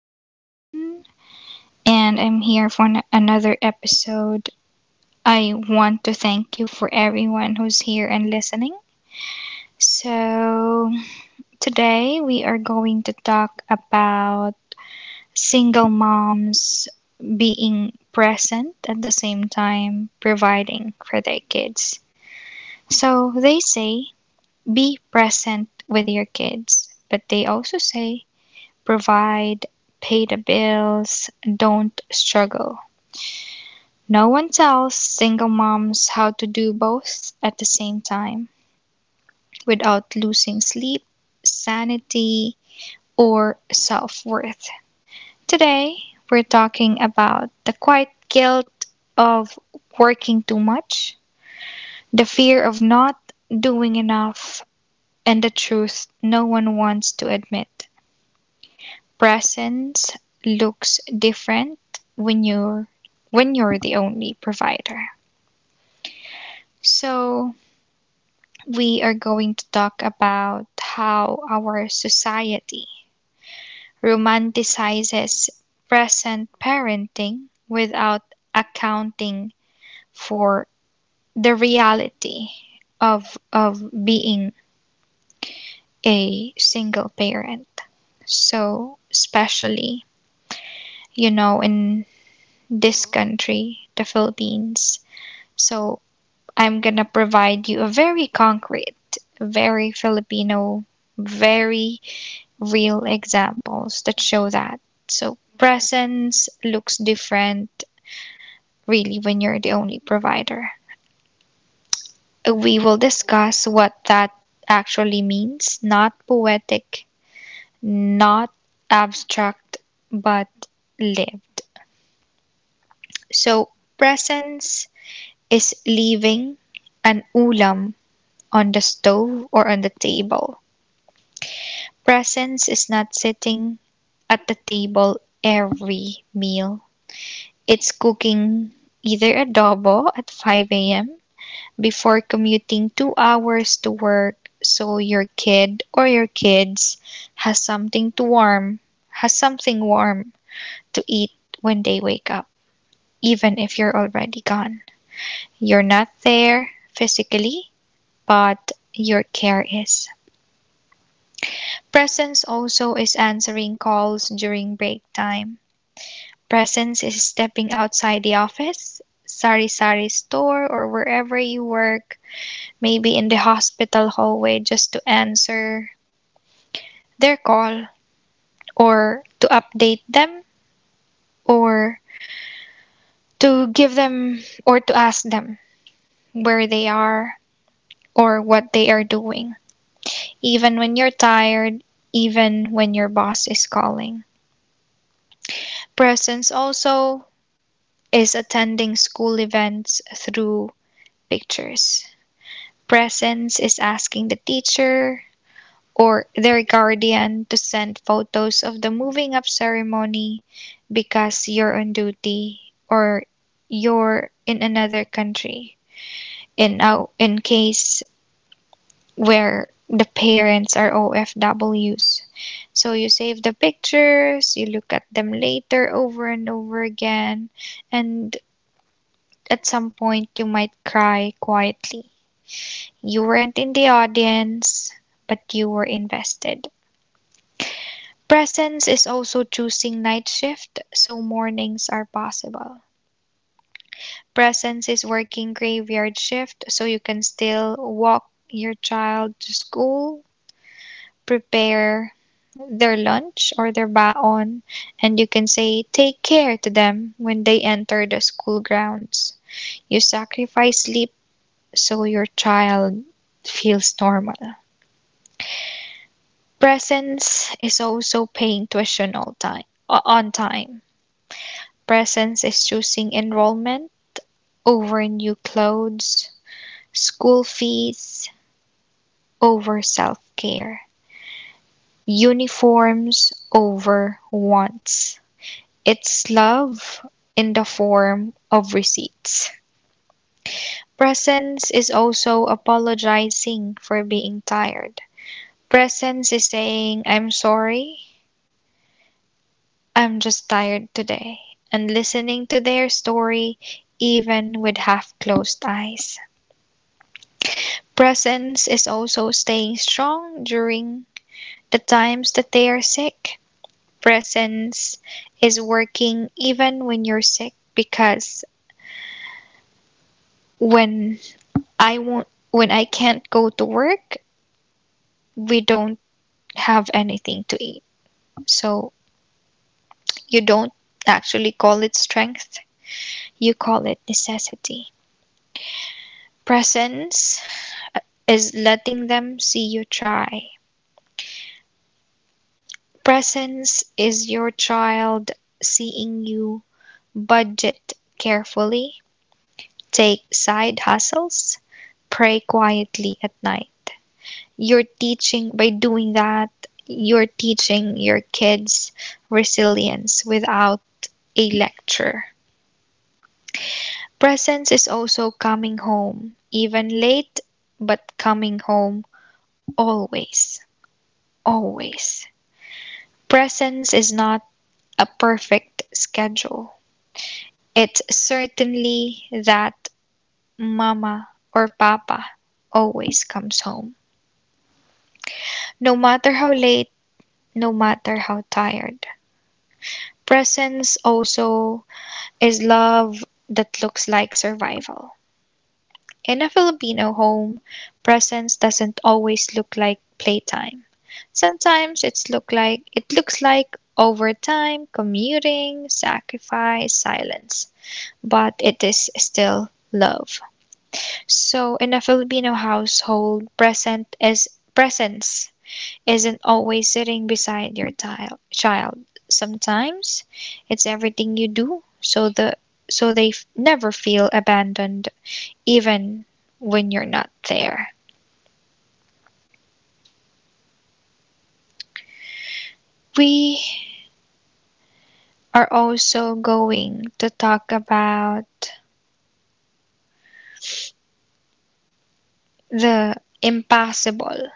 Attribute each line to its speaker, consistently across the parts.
Speaker 1: once again, and I'm here for another episode. I want to thank you for everyone who's here and listening. So, today we are going to talk about single moms being present at the same time providing for their kids. So, they say be present with your kids, but they also say provide, pay the bills, don't struggle. No one tells single moms how to do both at the same time without losing sleep, sanity, or self worth. Today, we're talking about the quiet guilt of working too much, the fear of not doing enough, and the truth no one wants to admit. Presence looks different when you're when you're the only provider. So, we are going to talk about how our society romanticizes present parenting without accounting for the reality of being a single parent. So, especially, you know, in this country, the Philippines. So I'm gonna provide you a very concrete, very Filipino, very real examples that show that. So presence looks different really when you're the only provider. We will discuss what that actually means, not poetic, not abstract, but lived. So presence is leaving an ulam on the stove or on the table. Presence is not sitting at the table every meal. It's cooking either adobo at 5 a.m. before commuting 2 hours to work so your kid or your kids has something to warm, has something warm to eat when they wake up, even if you're already gone. You're not there physically, but your care is. Presence also is answering calls during break time. Presence is stepping outside the office, sari sari store, or wherever you work, maybe in the hospital hallway just to answer their call or to update them or to give them or to ask them where they are or what they are doing, even when you're tired, even when your boss is calling. Presence also is attending school events through pictures. Presence is asking the teacher or their guardian to send photos of the moving up ceremony because you're on duty or you're in another country in case where the parents are OFWs. So you save the pictures, you look at them later over and over again, and at some point you might cry quietly. You weren't in the audience, but you were invested. Presence is also choosing night shift, so mornings are possible. Presence is working graveyard shift, so you can still walk your child to school, prepare their lunch or their baon, and you can say, "Take care" to them when they enter the school grounds. You sacrifice sleep so your child feels normal. Presence is also paying tuition all time, on time. Presence is choosing enrollment over new clothes, school fees over self care, uniforms over wants. It's love in the form of receipts. Presence is also apologizing for being tired. Presence is saying, "I'm sorry I'm just tired today," and listening to their story, even with half closed eyes. Presence is also staying strong during the times that they are sick. Presence is working even when you're sick because when when I can't go to work, we don't have anything to eat. So you don't actually call it strength, you call it necessity. Presence is letting them see you try. Presence is your child seeing you budget carefully, take side hustles, pray quietly at night. You're teaching by doing that, you're teaching your kids resilience without a lecture. Presence is also coming home, even late, but coming home always, always. Presence is not a perfect schedule. It's certainly that Mama or Papa always comes home, no matter how late, no matter how tired. Presence also is love that looks like survival. In a Filipino home, presence doesn't always look like playtime. Sometimes it looks like overtime, commuting, sacrifice, silence, but it is still love. So in a Filipino household, present is presence isn't always sitting beside your tile, child. Sometimes it's everything you do, so they never feel abandoned even when you're not there. We are also going to talk about the impossible,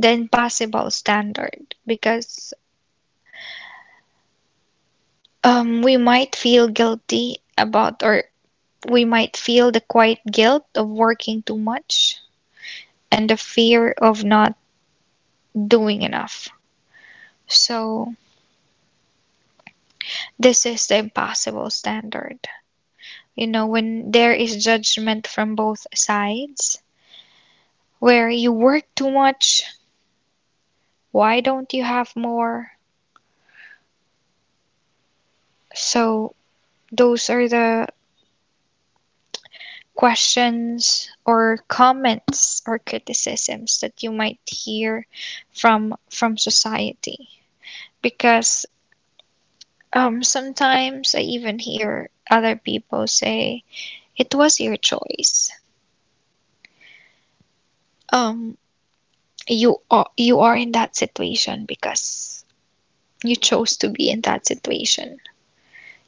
Speaker 1: the impossible standard because we might feel guilty about or we might feel the quiet guilt of working too much and the fear of not doing enough. So, this is the impossible standard. You know, when there is judgment from both sides, where you work too much, why don't you have more? So, those are the questions or comments or criticisms that you might hear from society because sometimes I even hear other people say it was your choice. Um, you are in that situation because you chose to be in that situation.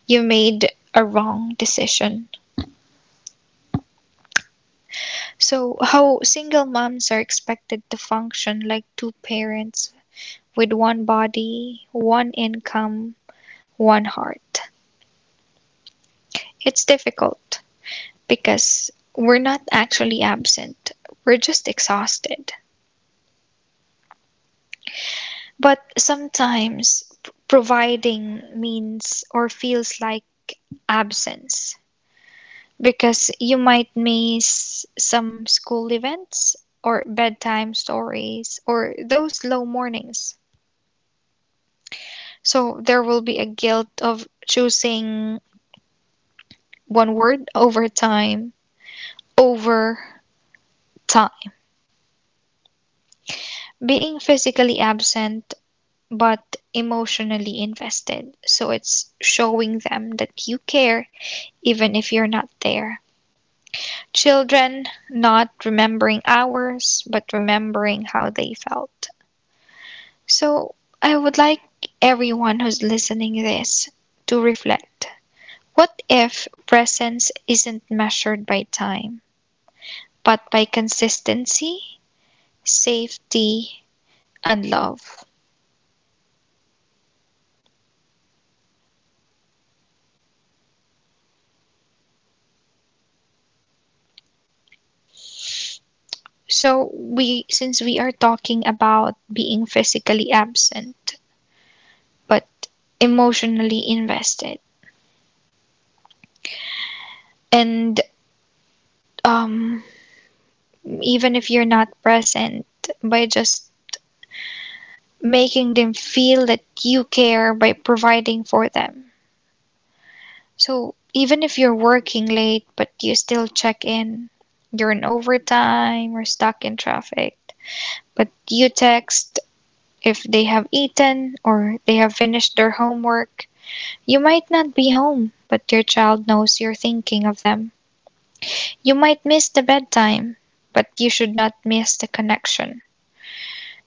Speaker 1: You made a wrong decision. So how single moms are expected to function like two parents with one body, one income, one heart. It's difficult because we're not actually absent. We're just exhausted. But sometimes providing means or feels like absence because you might miss some school events or bedtime stories or those low mornings. So there will be a guilt of choosing one word over time, over time, being physically absent but emotionally invested. So it's showing them that you care even if you're not there. Children not remembering hours but remembering how they felt. So I would like everyone who's listening this to reflect, what if presence isn't measured by time but by consistency, safety, and love? So we, since we are talking about being physically absent but emotionally invested, and um even if you're not present, by just making them feel that you care by providing for them. So even if you're working late but you still check in, you're in overtime or stuck in traffic, but you text if they have eaten or they have finished their homework. You might not be home, but your child knows you're thinking of them. You might miss the bedtime, but you should not miss the connection.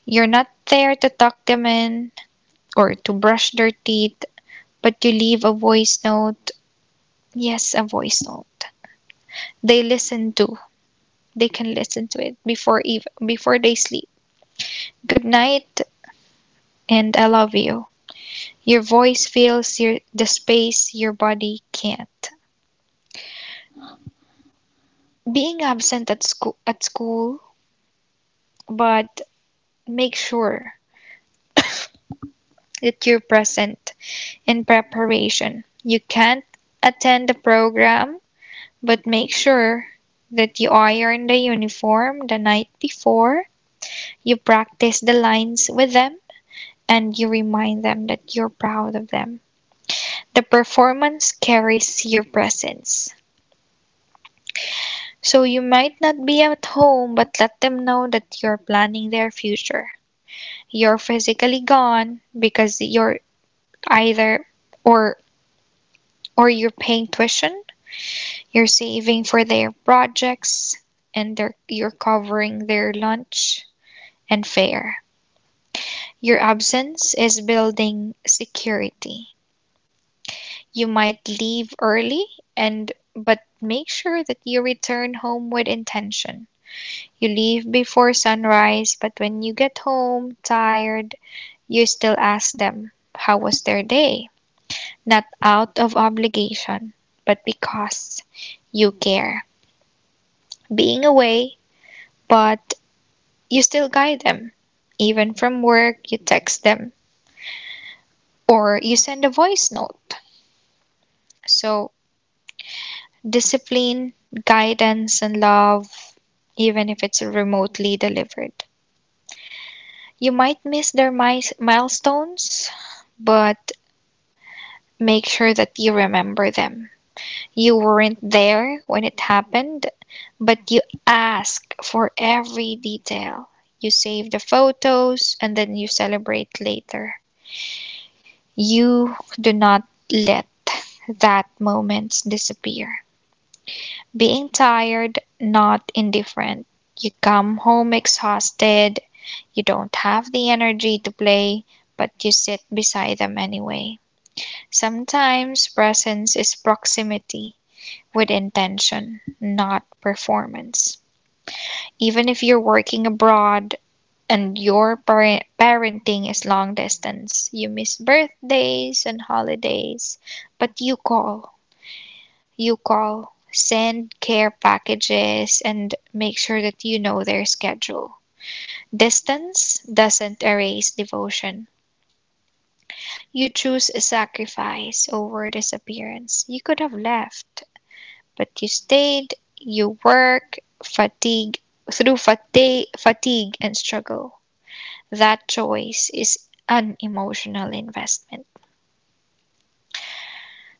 Speaker 1: You're not there to tuck them in, or to brush their teeth, but you leave a voice note. Yes, a voice note. They listen to. They can listen to it before, even before they sleep. Good night and I love you. Your voice fills your the space your body can't. Being absent at school but make sure that you're present in preparation. You can't attend the program. But make sure that you iron the uniform the night before, you practice the lines with them, and you remind them that you're proud of them. The performance carries your presence. So you might not be at home, but let them know that you're planning their future. You're physically gone because you're either or or you're paying tuition, you're saving for their projects, and you're covering their lunch and fare. Your absence is building security. You might leave early and but make sure that you return home with intention. You leave before sunrise, but when you get home tired, you still ask them, how was their day? Not out of obligation, but because you care. Being away, but you still guide them. Even from work, you text them or you send a voice note. So discipline, guidance, and love, even if it's remotely delivered. You might miss their milestones, but make sure that you remember them. You weren't there when it happened, but you ask for every detail. You save the photos and then you celebrate later. You do not let that moment disappear. Being tired, not indifferent. You come home exhausted, you don't have the energy to play, but you sit beside them anyway. Sometimes presence is proximity with intention, not performance. Even if you're working abroad and your parenting is long distance, you miss birthdays and holidays, but you call, send care packages, and make sure that you know their schedule. Distance doesn't erase devotion. You choose sacrifice over disappearance. You could have left, but you stayed, you work, fatigue, through fatigue, and struggle. That choice is an emotional investment.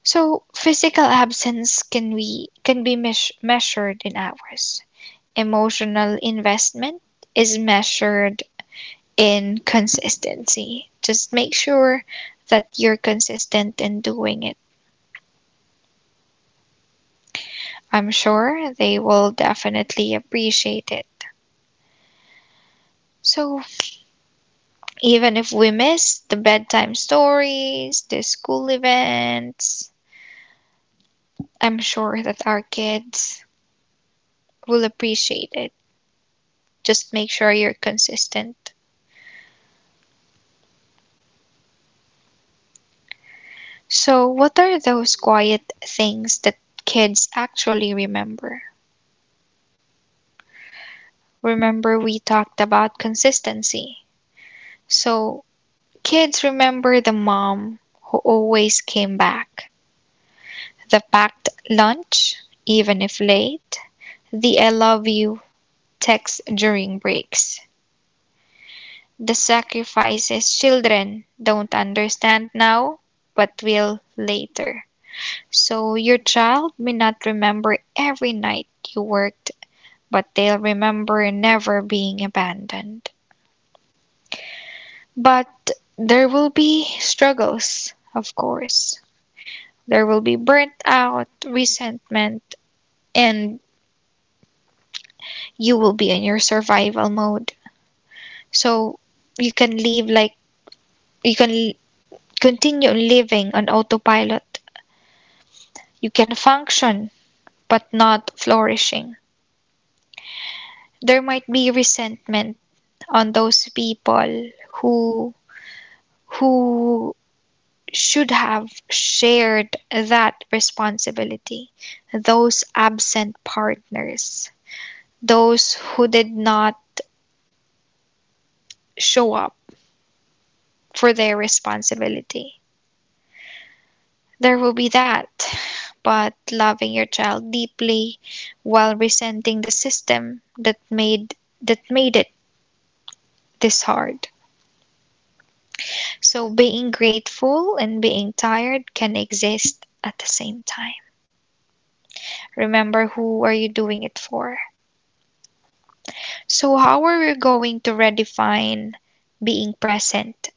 Speaker 1: So physical absence can be measured in hours. Emotional investment is measured in consistency. Just make sure that you're consistent in doing it. I'm sure they will definitely appreciate it. So, even if we miss the bedtime stories, the school events, I'm sure that our kids will appreciate it. Just make sure you're consistent. So, what are those quiet things that kids actually remember? Remember, we talked about consistency. So, kids remember the mom who always came back, the packed lunch, even if late, the I love you text during breaks, the sacrifices children don't understand now but will later. So, your child may not remember every night you worked, but they'll remember never being abandoned. But there will be struggles, of course. There will be burnt out, resentment, and you will be in your survival mode. So you can you can continue living on autopilot. You can function but not flourishing. There might be resentment on those people who who should have shared that responsibility. Those absent partners, those who did not show up for their responsibility. There will be that. But loving your child deeply while resenting the system that made it this hard. So being grateful and being tired can exist at the same time. Remember, who are you doing it for? So how are we going to redefine being present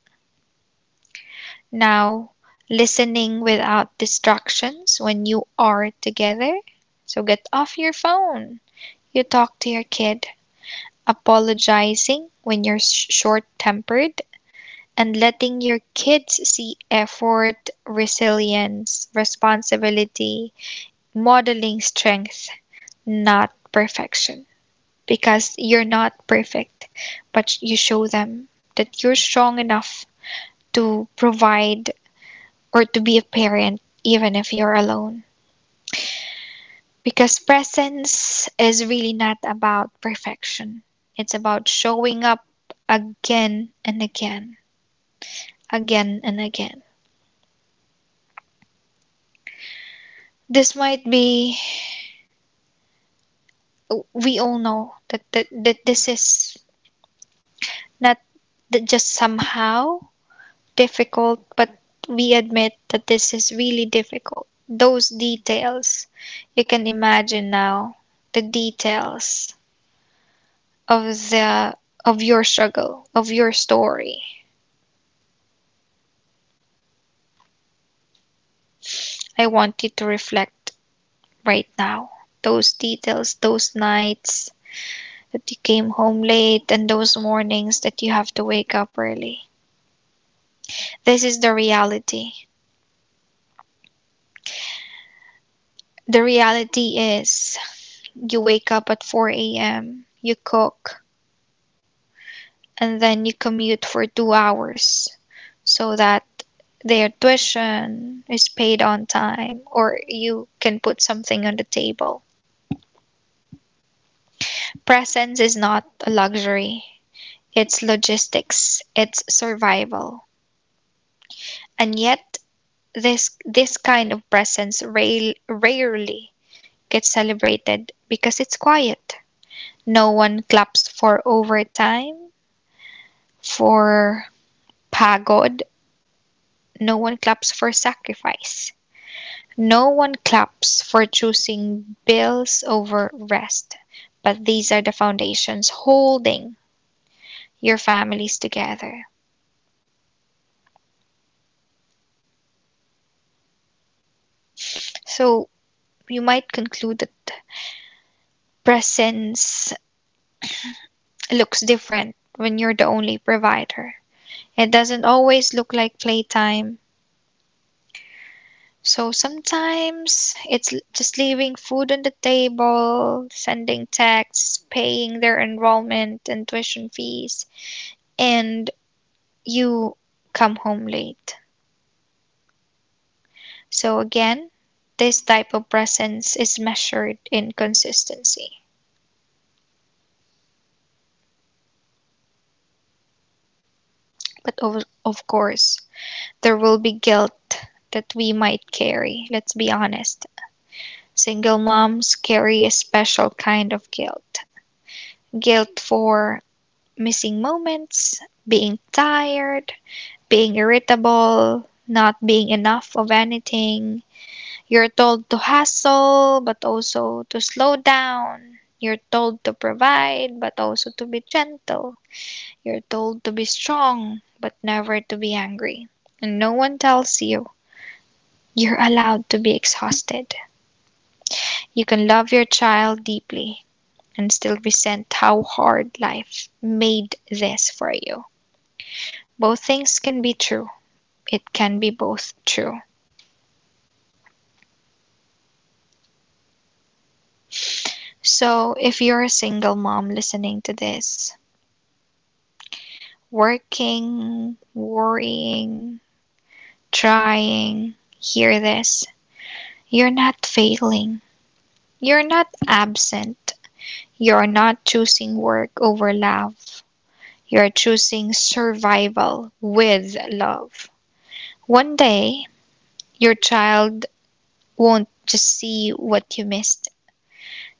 Speaker 1: now, listening without distractions when you are together? So get off your phone. You talk to your kid, apologizing when you're short tempered, and letting your kids see effort, resilience, responsibility, modeling strength, not perfection. Because you're not perfect, but you show them that you're strong enough to provide or to be a parent even if you're alone. Because presence is really not about perfection, it's about showing up again and again, again and again. This might be, we all know that this is not that just somehow difficult, but we admit that this is really difficult. Those details you can imagine now, the details of the of your struggle, of your story. I want you to reflect right now. Those details, those nights that you came home late and those mornings that you have to wake up early. This is the reality. The reality is you wake up at 4 a.m., you cook, and then you commute for 2 hours so that their tuition is paid on time or you can put something on the table. Presence is not a luxury, it's logistics, it's survival. And yet, this kind of rarely gets celebrated because it's quiet. No one claps for overtime, for pagod, no one claps for sacrifice. No one claps for choosing bills over rest, but these are the foundations holding your families together. So you might conclude that presence looks different when you're the only provider. It doesn't always look like playtime. So sometimes it's just leaving food on the table, sending texts, paying their enrollment and tuition fees, and you come home late. So again, this type of presence is measured in consistency. But of course, there will be guilt that we might carry. Let's be honest. Single moms carry a special kind of guilt, guilt for missing moments, being tired, being irritable, not being enough of anything. You're told to hustle, but also to slow down. You're told to provide, but also to be gentle. You're told to be strong, but never to be angry. And no one tells you you're allowed to be exhausted. You can love your child deeply and still resent how hard life made this for you. Both things can be true. It can be both true. So if you're a single mom listening to this, working, worrying, trying, hear this. You're not failing. You're not absent. You're not choosing work over love. You're choosing survival with love. One day, your child won't just see what you missed,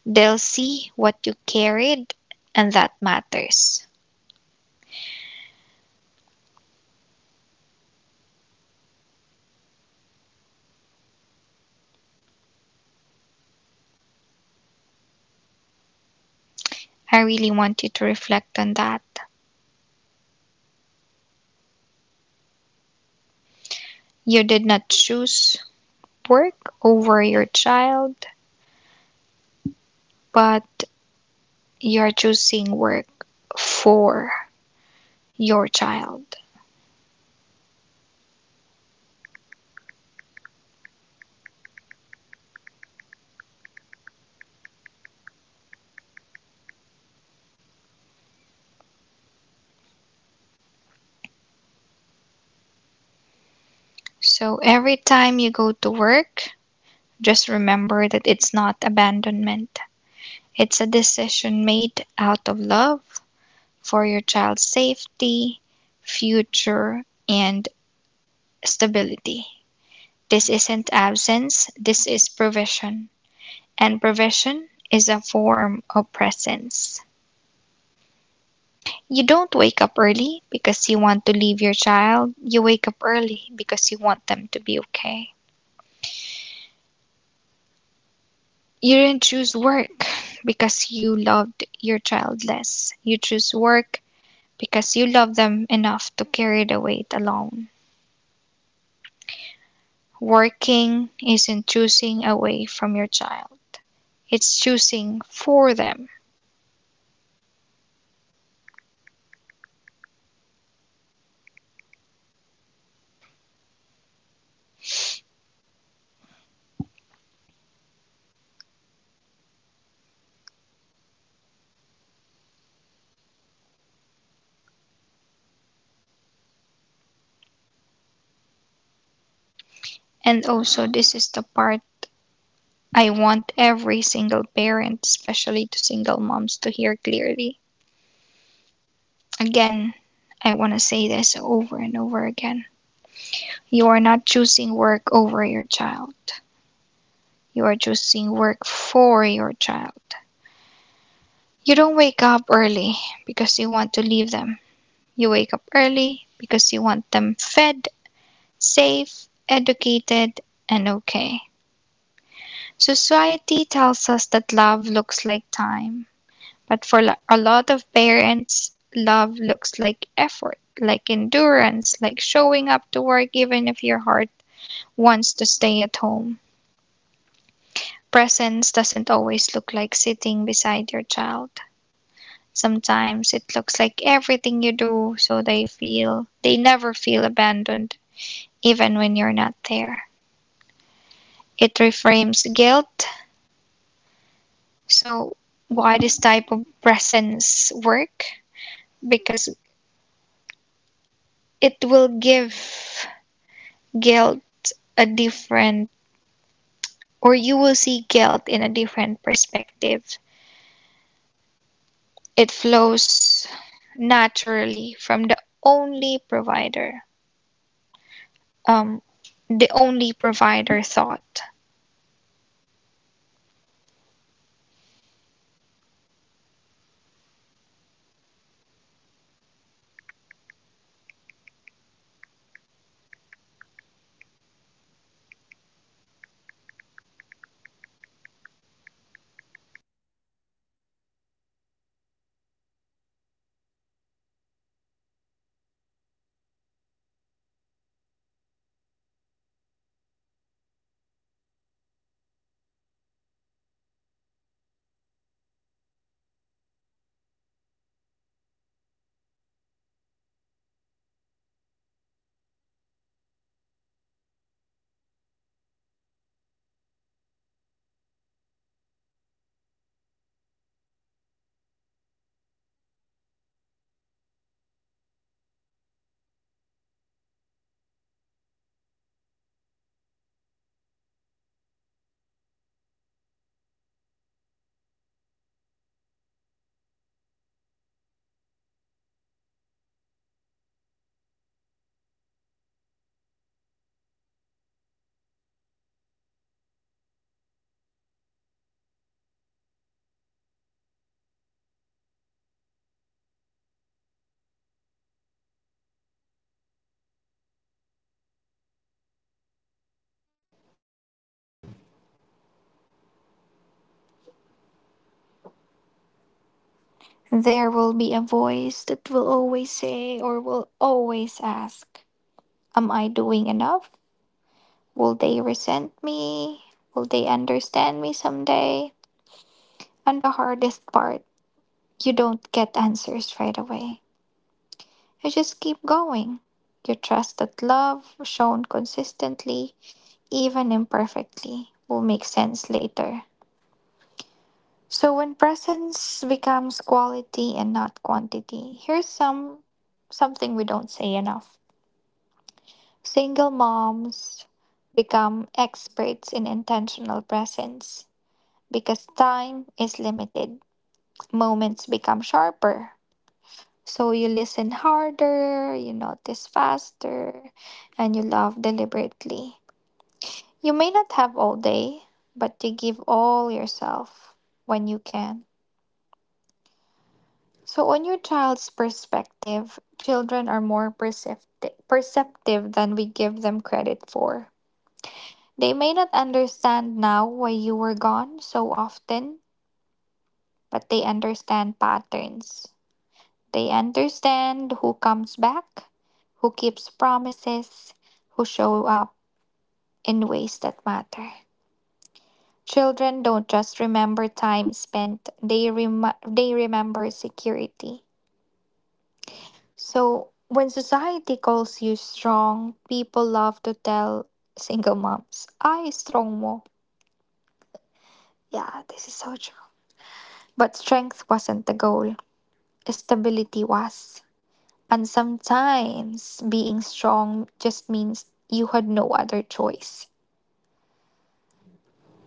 Speaker 1: they'll see what you carried, and that matters. I really want you to reflect on that. You did not choose work over your child, but you're choosing work for your child. So every time you go to work, just remember that it's not abandonment. It's a decision made out of love for your child's safety, future, and stability. This isn't absence, this is provision. And provision is a form of presence. You don't wake up early because you want to leave your child. You wake up early because you want them to be okay. You didn't choose work because you loved your child less. You choose work because you love them enough to carry the weight alone. Working isn't choosing away from your child, it's choosing for them. And also, this is the part I want every single parent, especially to single moms, to hear clearly. Again, I want to say this over and over again. You are not choosing work over your child. You are choosing work for your child. You don't wake up early because you want to leave them. You wake up early because you want them fed, safe, educated, and okay. Society tells us that love looks like time, but for a lot of parents, love looks like effort, like endurance, like showing up to work even if your heart wants to stay at home. Presence doesn't always look like sitting beside your child. Sometimes it looks like everything you do so they feel they never feel abandoned even when you're not there. It reframes guilt. So why this type of presence work? Because it will give guilt a different, or you will see guilt in a different perspective. It flows naturally from um, the only provider thought.
Speaker 2: There will be a voice that will always say or will always ask, am I doing enough? Will they resent me? Will they understand me someday? And the hardest part, you don't get answers right away. You just keep going. You trust that love, shown consistently, even imperfectly, will make sense later. So, when presence becomes quality and not quantity, here's something we don't say enough. Single moms become experts in intentional presence because time is limited. Moments become sharper. So you listen harder, you notice faster, and you love deliberately. You may not have all day, but you give all yourself when you can. So, on your child's perspective, children are more perceptive than we give them credit for. They may not understand now why you were gone so often, but they understand patterns. They understand who comes back, who keeps promises, who show up in ways that matter. Children don't just remember time spent, they remember security. So, when society calls you strong, people love to tell single moms, I strong mo. Yeah, this is so true. But strength wasn't the goal. Stability was. And sometimes being strong just means you had no other choice.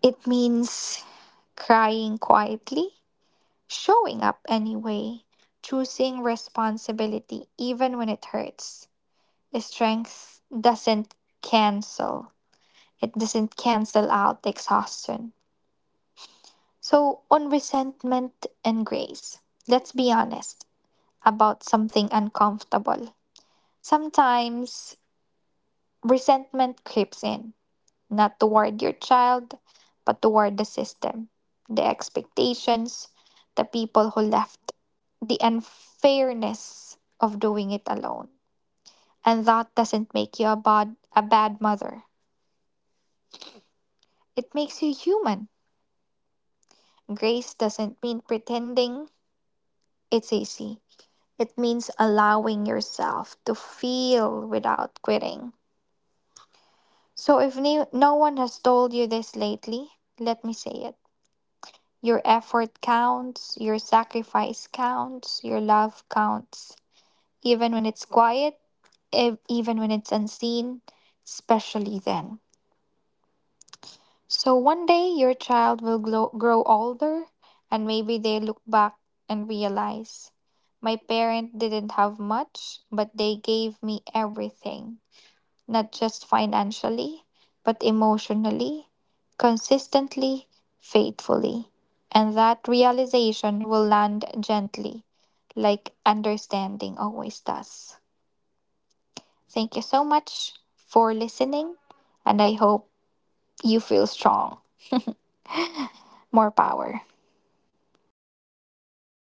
Speaker 2: It means crying quietly, showing up anyway, choosing responsibility even when it hurts. Strength cancel, doesn't cancel out the exhaustion. So, on resentment and grace, let's be honest about something uncomfortable. Sometimes resentment creeps in, not toward your child, but toward the system, the expectations, the people who left, the unfairness of doing it alone. And that doesn't make you a bad mother. It makes you human. Grace doesn't mean pretending it's easy. It means allowing yourself to feel without quitting. So if no one has told you this lately, let me say it. Your effort counts, your sacrifice counts, your love counts. Even when it's quiet, even when it's unseen, especially then. So one day your child will grow older and maybe they look back and realize my parent didn't have much, but they gave me everything, not just financially, but emotionally, consistently, faithfully. And that realization will land gently, like understanding always does. Thank you so much for listening, and I hope you feel strong. More power.